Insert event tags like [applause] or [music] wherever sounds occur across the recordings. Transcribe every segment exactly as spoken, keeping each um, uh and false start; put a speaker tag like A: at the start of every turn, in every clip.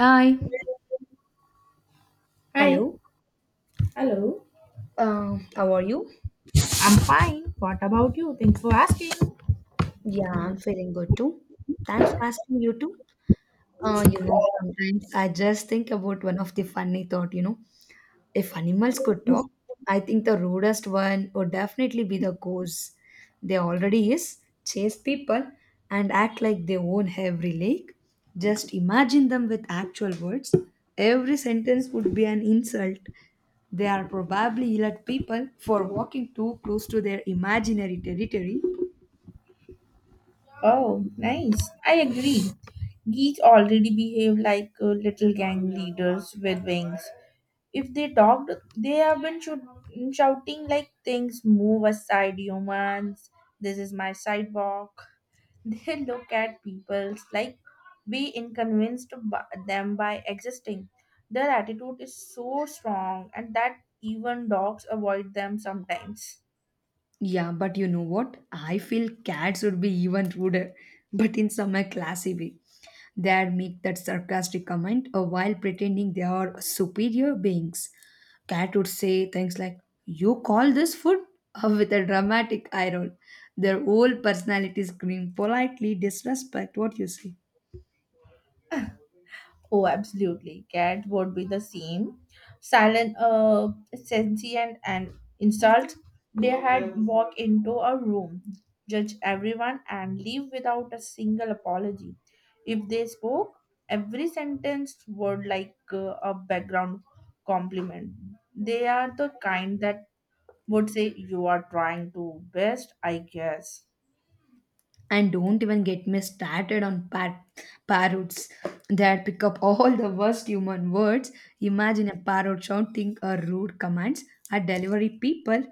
A: Hi.
B: Hi.
A: Hello,
B: Hello.
A: uh, how are you?
B: I'm fine. What about you? Thanks for asking.
A: Yeah, I'm feeling good too. Thanks for asking you too. Uh, you know, sometimes I just think about one of the funny thought, you know, if animals could talk, I think the rudest one would definitely be the ghosts. They already is chase people and act like they own every lake. Just imagine them with actual words. Every sentence would be an insult. They are probably yell at people for walking too close to their imaginary territory.
B: Oh, nice. I agree. Geeks already behave like uh, little gang leaders with wings. If they talked, they have been shoo- shouting like, "Things move aside, humans. This is my sidewalk." [laughs] They look at people like be inconvenienced by them by existing. Their attitude is so strong, and that even dogs avoid them sometimes.
A: Yeah, but you know what? I feel cats would be even ruder, but in some a classy way. They'd make that sarcastic comment uh, while pretending they are superior beings. Cat would say things like, "You call this food?" [laughs] uh, with a dramatic eye roll. Their whole personality scream politely disrespect what you say.
B: Oh, absolutely. Cat would be the same. Silent, uh, sentient, and insult. They had walk into a room, judge everyone, and leave without a single apology. If they spoke, every sentence would like uh, a background compliment. They are the kind that would say you are trying to best, I guess.
A: And don't even get me started on par- parrots that pick up all the worst human words. Imagine a parrot shouting a rude commands at delivery people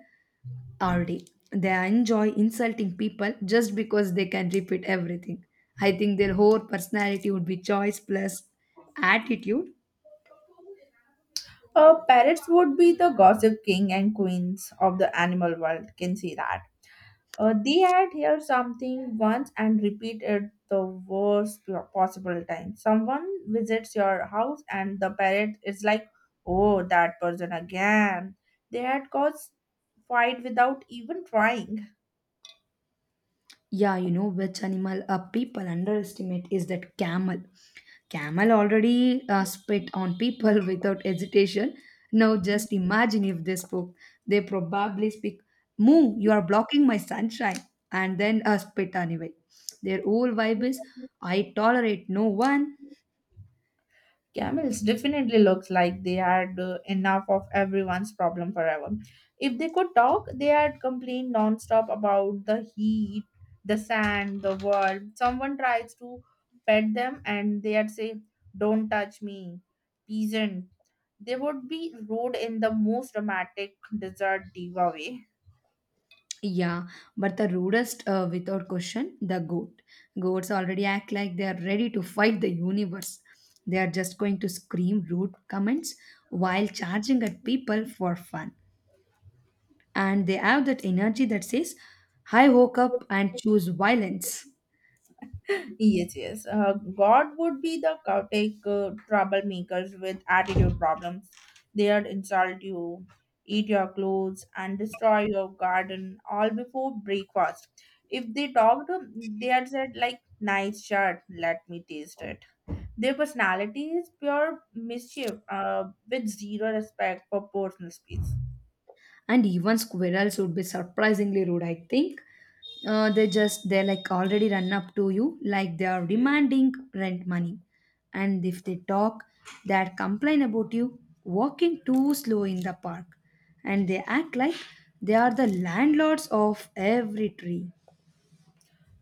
A: all day. They enjoy insulting people just because they can repeat everything. I think their whole personality would be choice plus attitude.
B: Uh, parrots would be the gossip king and queens of the animal world. Can see that. Uh, they had heard something once and repeat it the worst po- possible time. Someone visits your house and the parent is like, oh, that person again. They had caused fight without even trying.
A: Yeah, you know which animal uh, people underestimate is that camel. Camel already uh, spit on people [laughs] without hesitation. Now just imagine if they spoke, they probably speak, moo, you are blocking my sunshine, and then uh, spit anyway. Their whole vibe is I tolerate no one.
B: Camels definitely looks like they had uh, enough of everyone's problem forever. If they could talk, they had complained nonstop about the heat, the sand, the world. Someone tries to pet them and they'd say, "Don't touch me, peasant." They would be rode in the most dramatic desert diva way.
A: Yeah, but the rudest, uh, without question, the goat. Goats already act like they are ready to fight the universe. They are just going to scream rude comments while charging at people for fun. And they have that energy that says, I woke up and choose violence.
B: Yes, yes. Uh, God would be the chaotic uh, troublemakers with attitude problems. They'd insult you, eat your clothes, and destroy your garden all before breakfast. If they talked, they'd said like, "Nice shirt. Let me taste it." Their personality is pure mischief uh, with zero respect for personal space.
A: And even squirrels would be surprisingly rude, I think. Uh, they just they like already run up to you like they are demanding rent money, and if they talk, they complain about you walking too slow in the park, and they act like they are the landlords of every tree.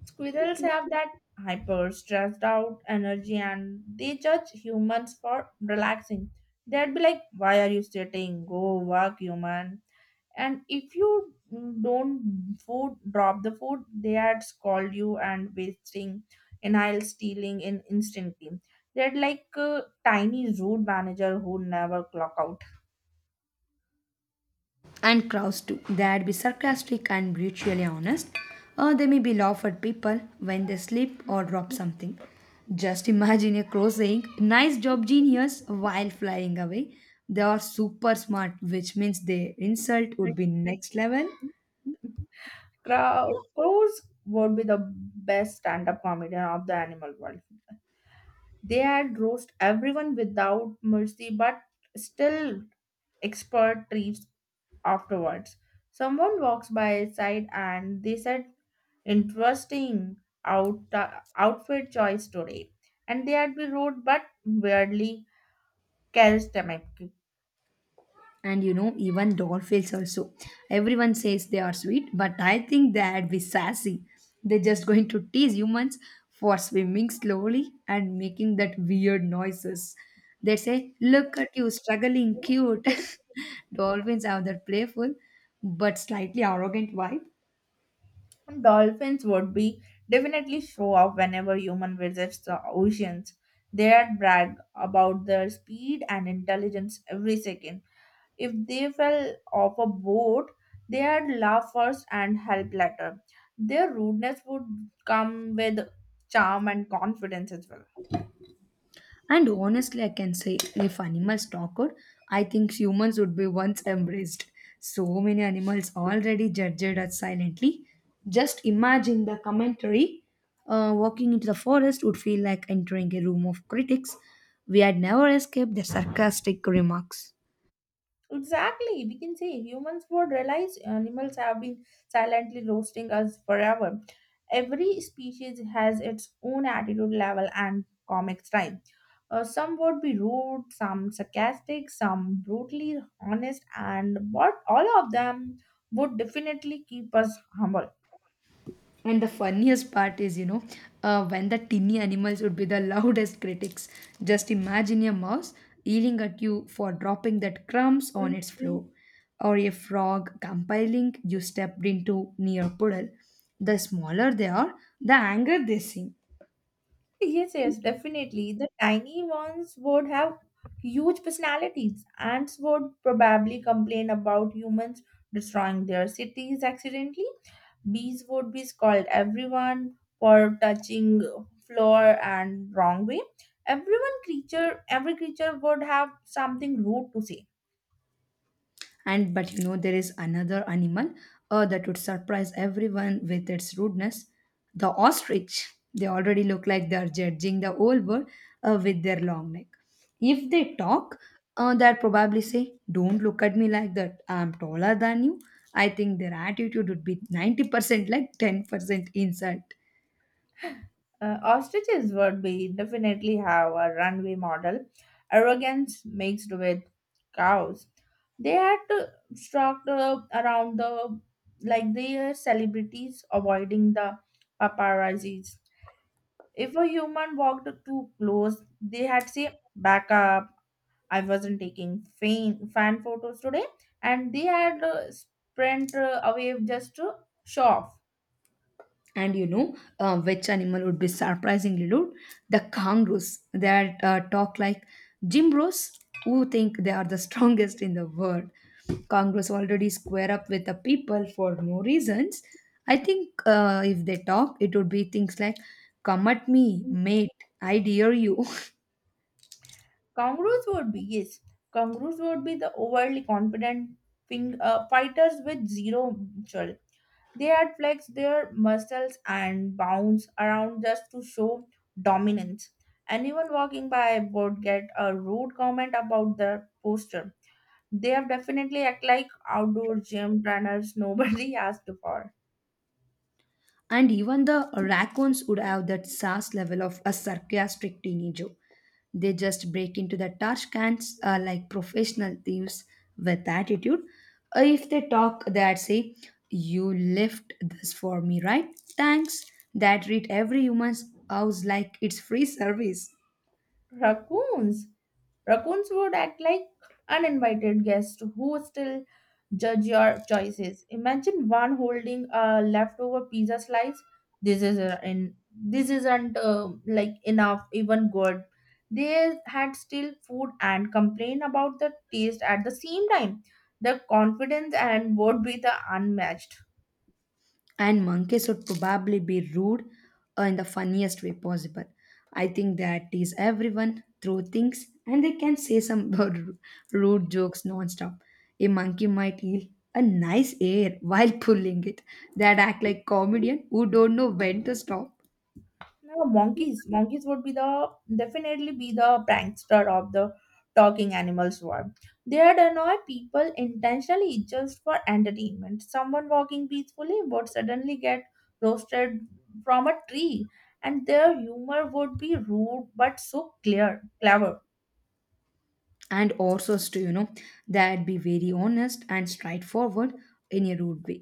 B: Squirrels have that hyper stressed out energy and they judge humans for relaxing. They'd be like, "Why are you sitting? Go work, human." And if you don't food drop the food, they had scold you and wasting, and I'll stealing in instantly. They're like a tiny rude manager who never clock out.
A: And crowds too. They'd be sarcastic and brutally honest, or they may be laugh at people when they slip or drop something. Just imagine a crow saying, "Nice job, genius," while flying away. They are super smart, which means their insult would be next level.
B: Crow- crows would be the best stand-up comedian of the animal world. They had roast everyone without mercy but still expert treats afterwards. Someone walks by his side and they said, "Interesting out, outfit choice today." And they had be rude but weirdly charismatic.
A: And you know even dolphins also, everyone says they are sweet but I think they'd be sassy. They're just going to tease humans for swimming slowly and making that weird noises. They say look at you struggling cute. [laughs] Dolphins have that playful but slightly arrogant vibe.
B: Dolphins would be definitely show off whenever human visits the oceans. They'd brag about their speed and intelligence every second. If they fell off a boat, they'd laugh first and help later. Their rudeness would come with charm and confidence as well.
A: And honestly, I can say if animals talked, I think humans would be once embraced. So many animals already judged us silently. Just imagine the commentary. Uh, walking into the forest would feel like entering a room of critics. We had never escaped their sarcastic remarks.
B: Exactly. We can say humans would realize animals have been silently roasting us forever. Every species has its own attitude level and comic style. Uh, some would be rude, some sarcastic, some brutally honest, and but all of them would definitely keep us humble.
A: And the funniest part is, you know, uh, when the tiny animals would be the [laughs] loudest critics. Just imagine a mouse yelling at you for dropping that crumbs on its floor, or a frog complaining you stepped into near puddle. The smaller they are, the anger they seem.
B: Yes, yes, definitely. The tiny ones would have huge personalities. Ants would probably complain about humans destroying their cities accidentally. Bees would be scold everyone for touching floor and wrong way. Everyone creature, every creature would have something rude to say.
A: And but you know there is another animal uh, that would surprise everyone with its rudeness, the ostrich. They already look like they're judging the whole world uh, with their long neck. If they talk, uh, they'll probably say don't look at me like that, I'm taller than you. I think their attitude would be ninety percent like ten percent insult.
B: Uh, ostriches would be definitely have a runway model, arrogance mixed with cows. They had to stalk the, around the, like they are celebrities avoiding the paparazzis. If a human walked too close, they had say back up. I wasn't taking fan fan photos today, and they had uh, sprint uh, away just to show off.
A: And you know uh, which animal would be surprisingly rude, the kangaroos that uh, talk like gym bros who think they are the [laughs] strongest in the world. Kangaroos already square up with the people for no reasons. I think uh, if they talk, it would be things like, "Come at me, mate. I dare you." [laughs]
B: Kangaroos would be, yes, kangaroos would be the overly confident fing, uh, fighters with zero muscle. They had flexed their muscles and bounce around just to show dominance. Anyone walking by would get a rude comment about their posture. They have definitely act like outdoor gym trainers. Nobody [laughs] asked for.
A: And even the raccoons would have that sass level of a sarcastic teenager. They just break into the trash cans uh, like professional thieves with attitude. Uh, if they talk, they'd say, "You left this for me, right? Thanks." That treat every human's house like it's free service.
B: Raccoons. Raccoons would act like uninvited guests who still judge your choices. Imagine one holding a leftover pizza slice. This is uh, in this isn't uh, like enough, even good. They had still food and complain about the taste at the same time. The confidence and would be the unmatched.
A: And monkeys would probably be rude uh, in the funniest way possible. I think that is everyone through things and they can say some [laughs] ru- rude jokes nonstop. A monkey might yell a nice air while pulling it, that act like comedian who don't know when to stop.
B: No, monkeys. Monkeys would be the definitely be the prankster of the talking animals world. They'd annoy people intentionally just for entertainment. Someone walking peacefully would suddenly get roasted from a tree, and their humor would be rude but so clear, clever.
A: And also to you know that be very honest and straightforward in a rude way.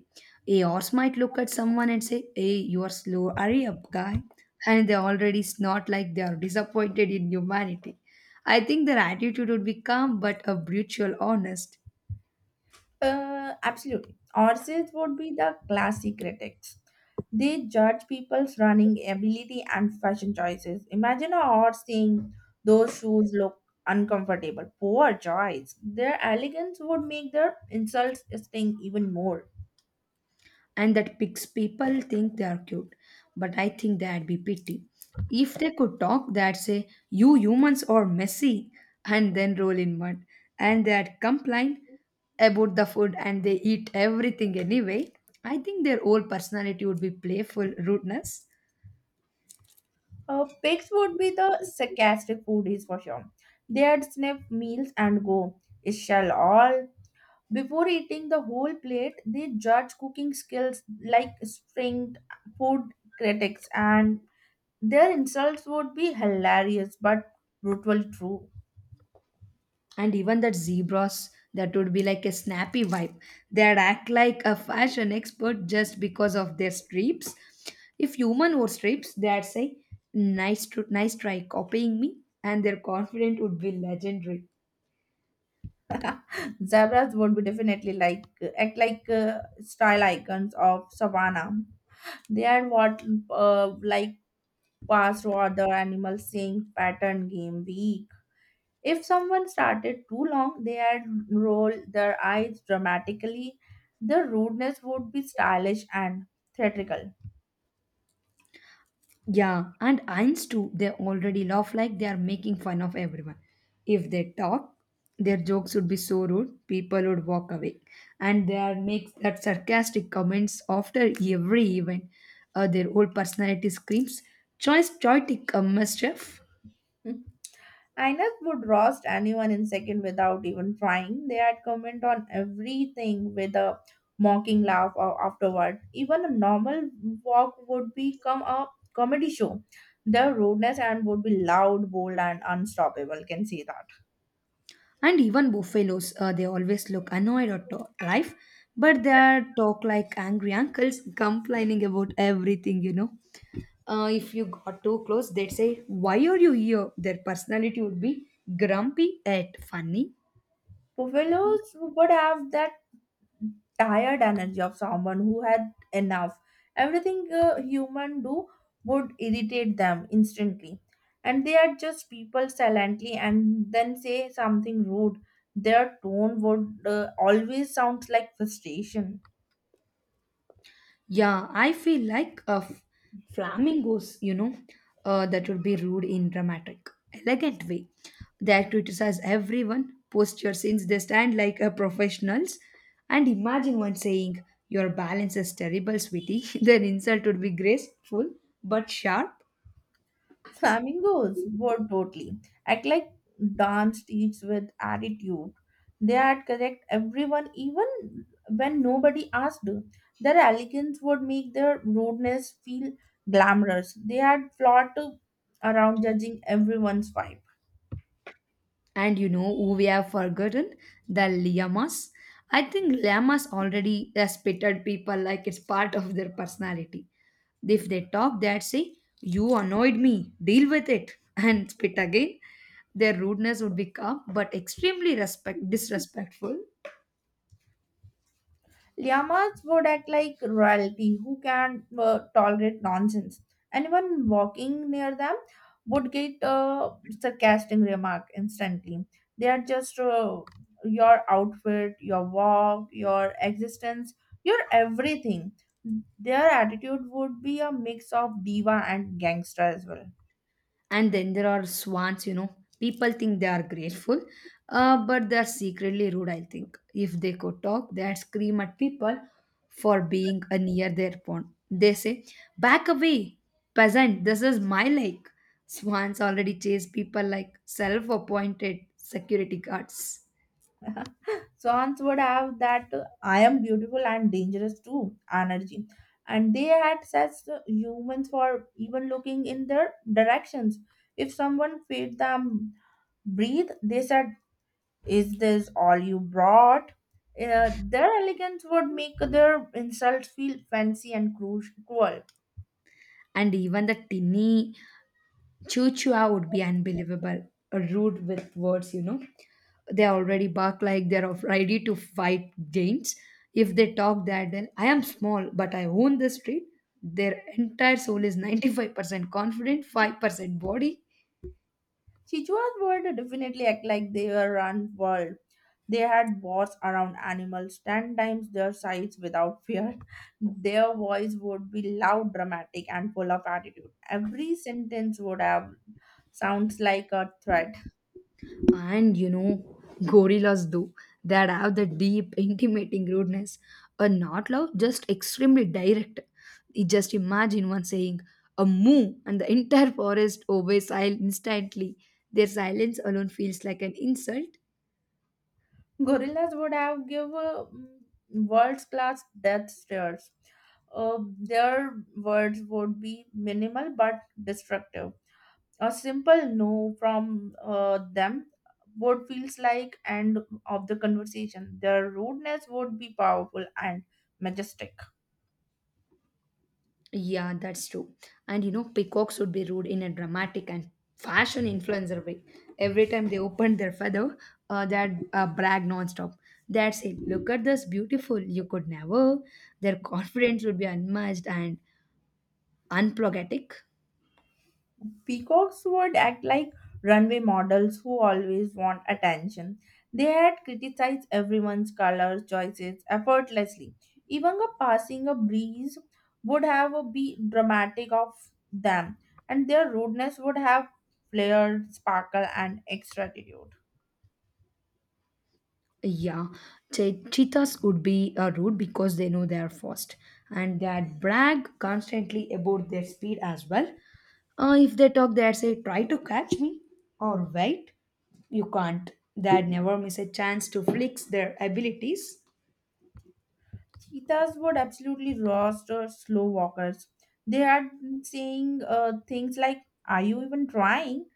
A: A horse might look at someone and say, hey you are slow, hurry up guy, and they already snort like they are disappointed in humanity. I think their attitude would be calm but a brutal honest.
B: Uh, absolutely. Horses would be the classy critics. They judge people's running ability and fashion choices. Imagine a horse saying, "Those shoes look uncomfortable. Poor choice." Their elegance would make their insults sting even more.
A: And that pics people think they are cute, but I think that'd be pity. If they could talk, they'd say, you humans are messy, and then roll in mud, and they'd complain about the food and they eat everything anyway. I think their whole personality would be playful rudeness.
B: Uh, pigs would be the sarcastic foodies for sure. They'd sniff meals and go, "It shall all." Before eating the whole plate, they judge cooking skills like stringed food critics, and their insults would be hilarious but brutally true.
A: And even that zebras that would be like a snappy vibe. They'd act like a fashion expert just because of their stripes. If human wore stripes, they'd say, nice tr- nice try copying me. And their confidence would be legendary.
B: Zebras would be definitely like act like uh, style icons of savannah. They are what uh, like past other animals seeing pattern game week. If someone started too long, they had roll their eyes dramatically. The rudeness would be stylish and theatrical.
A: Yeah, and Ains too, they already laugh like they are making fun of everyone. If they talk, their jokes would be so rude, people would walk away. And they are make that sarcastic comments after every event. Uh, their whole personality screams, choice, choitic, uh, mischief.
B: [laughs] Ines would roast anyone in second without even trying. They had comment on everything with a mocking laugh a- afterward. Even a normal walk would become a comedy show. Their rudeness and would be loud, bold, and unstoppable. Can see that.
A: And even buffaloes, uh, they always look annoyed or to- life, but they are talk like angry uncles complaining about everything, you know. Uh, if you got too close, they'd say, Why are you here? Their personality would be grumpy yet funny.
B: Buffaloes would have that tired energy of someone who had enough everything. A human do would irritate them instantly, and they are just people silently and then say something rude. Their tone would uh, always sounds like frustration.
A: Yeah, I feel like a f- flamingos, you know, uh, that would be rude in dramatic, elegant way. They criticize everyone, posture since they stand like a professionals. And imagine one saying, Your balance is terrible, sweetie. [laughs] Their insult would be graceful but sharp.
B: Flamingos were totally act like dance teach with attitude. They had correct everyone even when nobody asked. Their elegance would make their rudeness feel glamorous. They had fought around judging everyone's vibe.
A: And you know who we have forgotten? The llamas. I think llamas already respected people like it's part of their personality. If they talk, they'd say, You annoyed me, deal with it, [laughs] and spit again. Their rudeness would be calm but extremely respect disrespectful.
B: Llamas would act like royalty who can uh, tolerate nonsense. Anyone walking near them would get a sarcastic remark instantly. They are just uh, your outfit, your walk, your existence, your everything. Their attitude would be a mix of diva and gangster as well.
A: And then there are swans, you know. People think they are grateful, uh, but they are secretly rude, I think. If they could talk, they'd scream at people for being uh, near their pond. They say, Back away, peasant, this is my lake. Swans already chase people like self appointed security guards.
B: Swans would have that uh, "I am beautiful and dangerous too" energy. And they had such uh, humans for even looking in their directions. If someone fed them breathe, they said, "Is this all you brought?" Uh, their elegance would make their insults feel fancy and cru- cruel.
A: And even the tinny choo choo would be unbelievable, rude with words, you know. They already bark like they're of- ready to fight giants. If they talk that, then I am small, but I own the street. Their entire soul is ninety-five percent confident, five percent body.
B: Sichuan would definitely act like they were unworld. They had wars around animals, ten times their size without fear. [laughs] Their voice would be loud, dramatic, and full of attitude. Every sentence would have sounds like a threat.
A: And you know, gorillas do that have the deep, intimating rudeness. A not loud, just extremely direct. You just imagine one saying a moo, and the entire forest obeys sil- instantly. Their silence alone feels like an insult.
B: Gorillas would have give uh, world class death stares. Uh, their words would be minimal but destructive. A simple no from uh, them would feels like end of the conversation. Their rudeness would be powerful and majestic.
A: Yeah, that's true. And you know, peacocks would be rude in a dramatic and fashion influencer way. Every time they open their feather, uh, they'd uh, brag nonstop. They'd say, "Look at this, beautiful! You could never." Their [laughs] confidence would be unmatched and unapologetic.
B: Peacocks would act like runway models who always want attention. They had criticized everyone's color choices effortlessly. Even a passing a breeze would have a be dramatic of them, and their rudeness would have flared sparkle and extra attitude.
A: Yeah, che- cheetahs would be uh, rude because they know they are fast and they brag constantly about their speed as well. Uh, if they talk, they say, Try to catch me or wait. You can't. They never miss a chance to flex their abilities.
B: Cheetahs would absolutely roast or slow walkers. They had been saying uh, things like, "Are you even trying?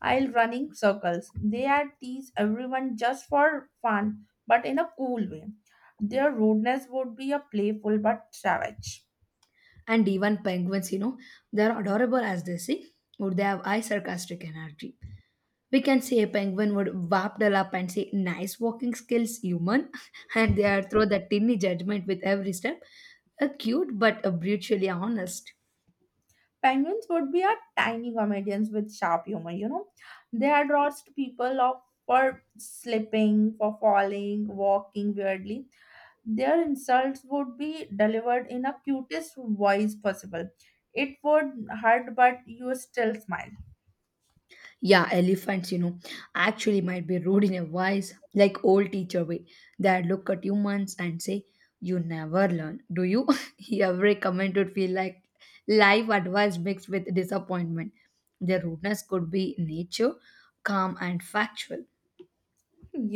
B: I'll run in circles." They had teased everyone just for fun, but in a cool way. Their rudeness would be a playful but savage.
A: And even penguins, you know, they're adorable as they say, or they have high sarcastic energy. We can see a penguin would wap up and say, Nice walking skills, human. [laughs] And they are throw that tiny judgment with every step. A cute but a brutally honest.
B: Penguins would be a tiny comedians with sharp humor, you know. They had roast people off for slipping, for falling, walking weirdly. Their insults would be delivered in a cutest voice possible. It would hurt, but you still smile.
A: Yeah, elephants, you know, actually might be rude in a wise, like old teacher way. They look at humans and say, You never learn, do you? [laughs] Every comment would feel like life advice mixed with disappointment. Their rudeness could be nature, calm, and factual.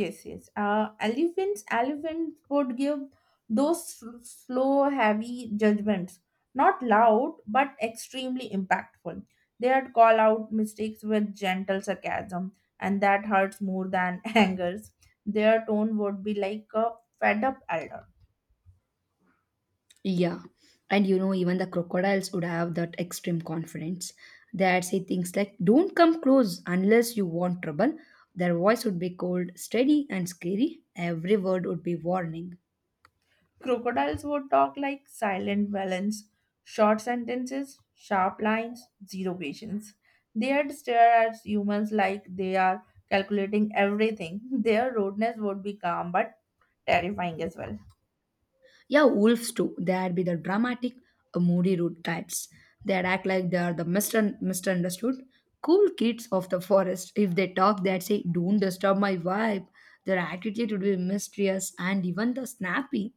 B: Yes, yes. Uh, elephants, elephants would give those sl- slow, heavy judgments. Not loud, but extremely impactful. They'd call out mistakes with gentle sarcasm, and that hurts more than [laughs] angers. Their tone would be like a fed up elder.
A: Yeah. And you know, even the crocodiles would have that extreme confidence. They'd say things like, Don't come close unless you want trouble. Their voice would be cold, steady, and scary. Every word would be warning.
B: Crocodiles would talk like silent villains, short sentences, sharp lines, zero patience. They'd stare at humans like they are calculating everything. [laughs] Their rudeness would be calm but terrifying as well.
A: Yeah, wolves too. They'd be the dramatic, uh, moody rude types. They'd act like they are the misun- misunderstood, cool kids of the forest. If they talk, they'd say, Don't disturb my vibe. Their attitude would be mysterious and even the snappy.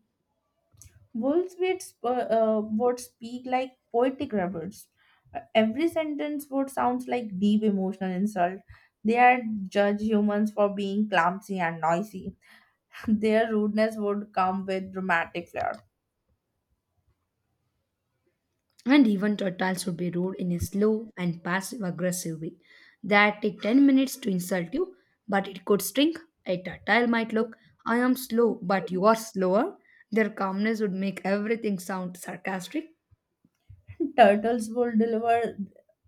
B: Wolves would, sp- uh, would speak like poetic rebels. Uh, Every sentence would sound like deep emotional insult. They are judge humans for being clumsy and noisy. [laughs] Their rudeness would come with dramatic flair.
A: And even turtles would be rude in a slow and passive aggressive way that take ten minutes to insult you but it could sting. A turtle might look I am slow but you are slower. Their calmness would make everything sound sarcastic.
B: The turtles would deliver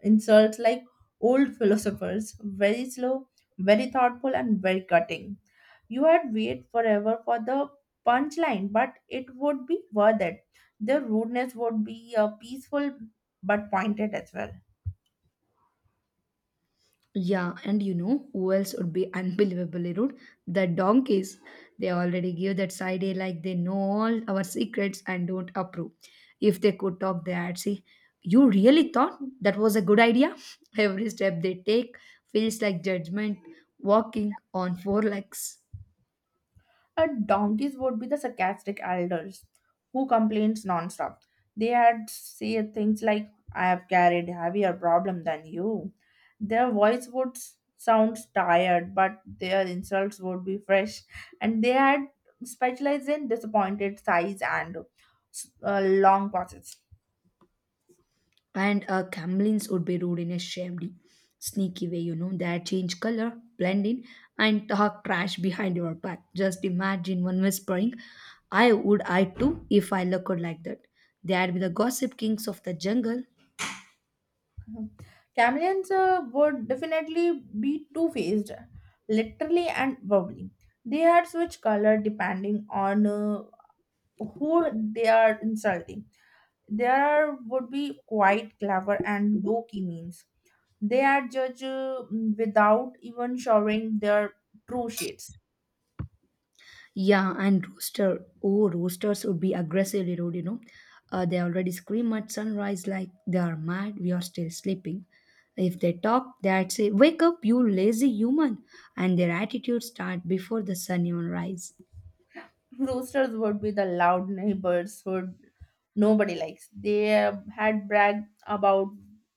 B: insults like old philosophers, very slow, very thoughtful, and very cutting. You had wait forever for the punchline, but it would be worth it. The rudeness would be uh, peaceful but pointed as well.
A: Yeah, and you know who else would be unbelievably rude? The donkeys. They already give that side eye like they know all our secrets and don't approve. If they could talk, they'd say, "You really thought that was a good idea?" [laughs] Every step they take feels like judgment, walking on four legs.
B: Uh, donkeys would be the sarcastic elders who complains nonstop. They had said things like, "I have carried heavier problem than you." Their voice would s- sound tired, but their insults would be fresh. And they had specialized in disappointed sighs and s- uh, long pauses.
A: And uh, Camlins would be rude in a shady, sneaky way, you know, that change color, blend in, and talk trash behind your back. Just imagine one whispering, "I would I too if I looked like that." They'd be the gossip kings of the jungle.
B: Chameleons uh, would definitely be two faced, literally and verbally. They had switch color depending on uh, who they are insulting. There are would be quite clever and low key means. They are judged uh, without even showing their true shades.
A: Yeah, and rooster. Oh, roosters would be aggressively rude, you know. Uh, they already scream at sunrise like they are mad, we are still sleeping. If they talk, they'd say, "Wake up, you lazy human!" And their attitude start before the sun even rise.
B: [laughs] Roosters would be the loud neighbors who nobody likes. They uh, had bragged about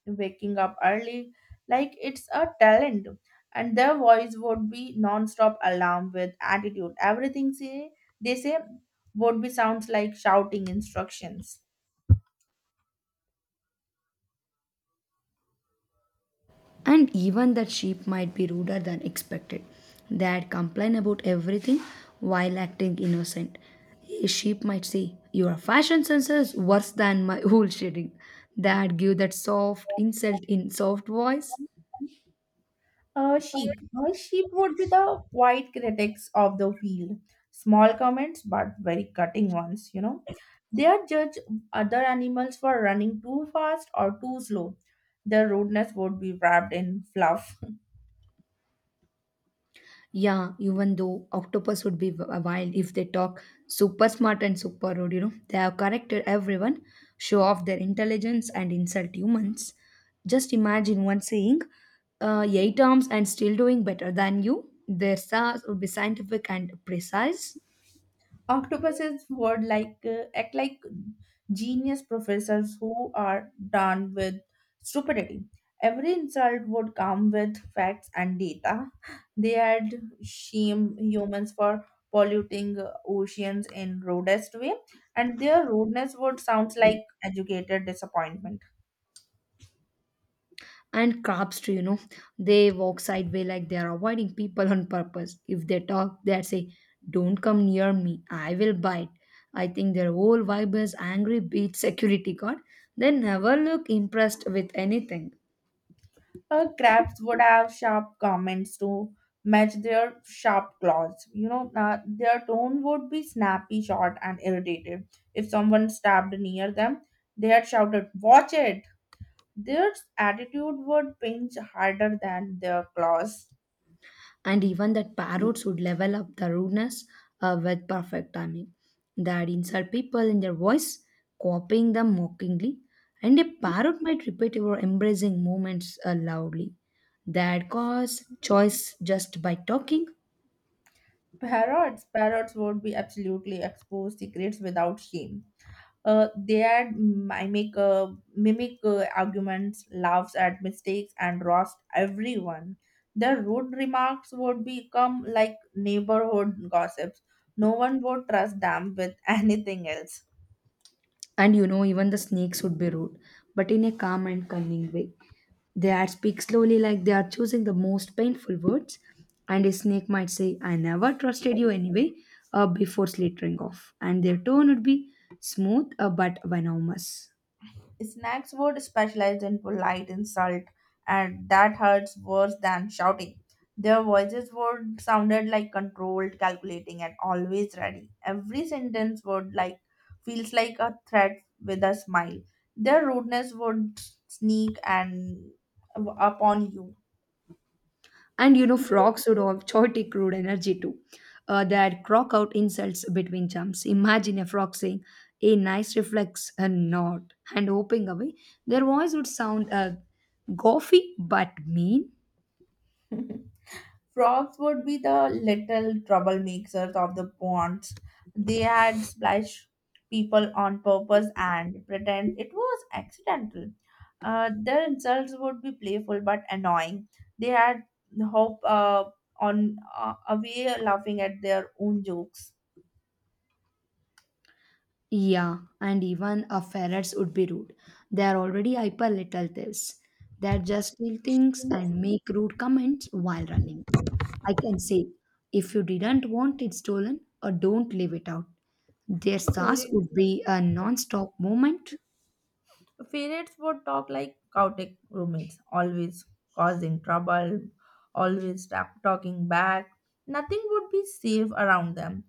B: waking up early, like it's a talent. And their voice would be non-stop alarm with attitude. Everything say, they say would be sounds like shouting instructions.
A: And even that sheep might be ruder than expected. They'd complain about everything while acting innocent. A sheep might say, "Your fashion sense is worse than my [laughs] wool shedding." They'd give that soft insult in soft voice.
B: Uh, sheep. Uh, sheep would be the quiet critics of the field. Small comments, but very cutting ones, you know. They are judge other animals for running too fast or too slow. Their rudeness would be wrapped in fluff.
A: Yeah, even though octopus would be w- wild if they talk super smart and super rude, you know, they have corrected everyone, show off their intelligence and insult humans. Just imagine one saying, uh, eight arms and still doing better than you. Their stars would be scientific and precise.
B: Octopuses would like uh, act like genius professors who are done with stupidity. Every insult would come with facts and data. They had shamed humans for polluting uh, oceans in rudest way, and their rudeness would sound like educated disappointment.
A: And crabs too, you know, they walk sideways like they are avoiding people on purpose. If they talk, they say, "Don't come near me, I will bite." I think their whole vibe is angry beat security guard. They never look impressed with anything.
B: Uh, crabs would have sharp comments to match their sharp claws. You know, uh, their tone would be snappy, short, and irritated. If someone stabbed near them, they had shouted, "Watch it!" Their attitude would pinch harder than their claws.
A: And even that parrots would level up the rudeness uh, with perfect timing. They'd insult people in their voice, copying them mockingly, and a parrot might repeat your embracing movements uh, loudly. They'd cause choice just by talking.
B: Parrots, parrots would be absolutely exposed secrets without shame. Uh, they add mimic, uh, mimic uh, arguments, laughs at mistakes, and roast everyone. Their rude remarks would become like neighborhood gossips. No one would trust them with [laughs] anything else.
A: And you know, even the snakes would be rude, but in a calm and cunning way. They had speak slowly like they are choosing the most painful words, and a snake might say, "I never trusted you anyway," uh, before slithering off. And their tone would be smooth uh, but venomous.
B: Snacks would specialize in polite insult, and that hurts worse than shouting. Their voices would sounded like controlled, calculating, and always ready. Every sentence would like feels like a threat with a smile. Their rudeness would sneak and upon you.
A: And you know, frogs would have chaotic crude energy too. Uh, they had croak out insults between jumps. Imagine a frog saying, a nice reflex and nod, and hoping away. Their voice would sound uh, goofy but mean.
B: [laughs] Frogs would be the little troublemakers of the ponds. They had splashed people on purpose and pretend it was accidental. Uh, their insults would be playful but annoying. They had hope uh, on uh, away laughing at their own jokes.
A: Yeah, and even a ferrets would be rude. They are already hyper little thieves. They just steal things and make rude comments while running. I can say, if you didn't want it stolen or don't leave it out, their stars would be a non-stop movement.
B: Parents would talk like chaotic roommates, always causing trouble, always ta- talking back. Nothing would be safe around them,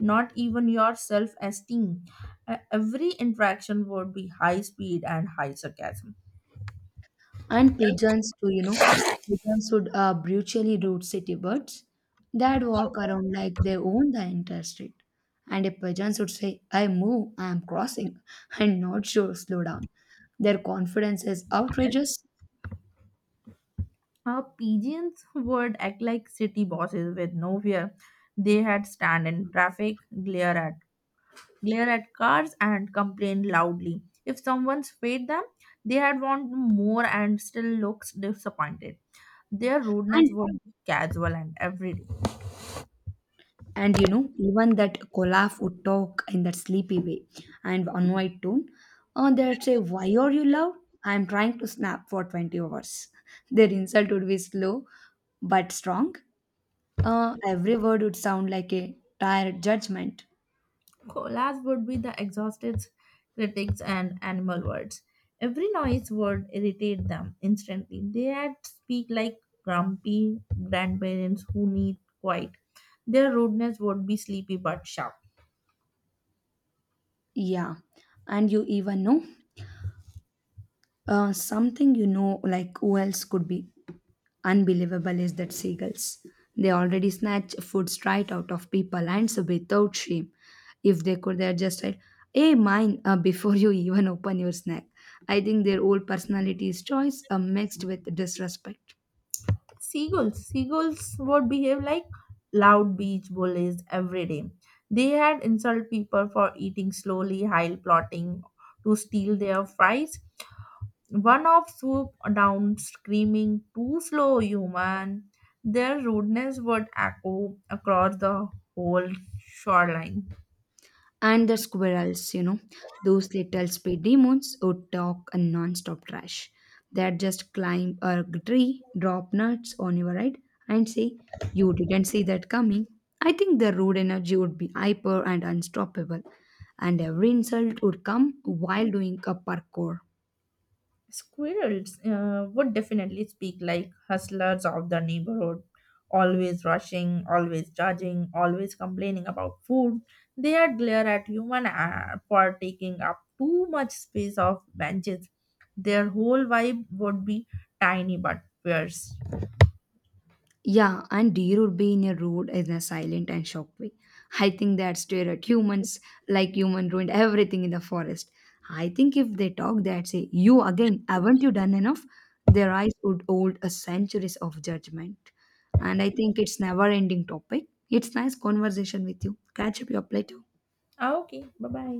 B: not even your self esteem. Every interaction would be high speed and high sarcasm.
A: And pigeons too, you know, pigeons would uh, brutally root city birds that walk around like they own the entire street. And if pigeons would say, "I move, I am crossing," [laughs] and not sure slow down. Their confidence is outrageous.
B: Our pigeons would act like city bosses with no fear. They had stand in traffic, glare at glare at cars, and complain loudly. If someone swayed them, they had want more and still looks disappointed. Their rudeness
A: and
B: would be casual and everyday.
A: and you know, even that colaf would talk in that sleepy way and annoyed tone, and they'd say, "Why are you loud? I am trying to snap for twenty hours." [laughs] Their insult would be slow but strong. Uh, every word would sound like a tired judgment.
B: Last would be the exhausted critics and animal words. Every noise would irritate them instantly. They had speak like grumpy grandparents who need quiet. Their rudeness would be sleepy but sharp.
A: Yeah. And you even know, uh, something you know, like who else could be unbelievable is that seagulls. They already snatch food straight out of people and so without shame. If they could, they're just like, "Hey, mine," uh, [laughs] before you even open your snack. I think their old personality's choice are mixed with disrespect.
B: Seagulls. Seagulls would behave like loud beach bullies every day. They had insult people for eating slowly, while plotting to steal their fries. One of swooped down screaming, "Too slow, human." Their rudeness would echo across the whole shoreline.
A: And the squirrels, you know, those little speed demons who talk a non-stop trash. That just climb a tree, drop nuts on your head, and say, "You didn't see that coming." I think the rude energy would be hyper and unstoppable, and every insult would come while doing a parkour.
B: Squirrels uh, would definitely speak like hustlers of the neighborhood, always rushing, always judging, always complaining about food. They'd glare at human uh, for taking up too much space of benches. Their whole vibe would be tiny but fierce.
A: Yeah, and deer would be in a road in a silent and shocked way. I think they'd stare at humans like human ruined everything in the forest. I think if they talk, they'd say, "You again, haven't you done enough?" Their eyes would hold a centuries of judgment. And I think it's never ending topic. It's nice conversation with you. Catch up your plate.
B: Ah, okay, bye bye.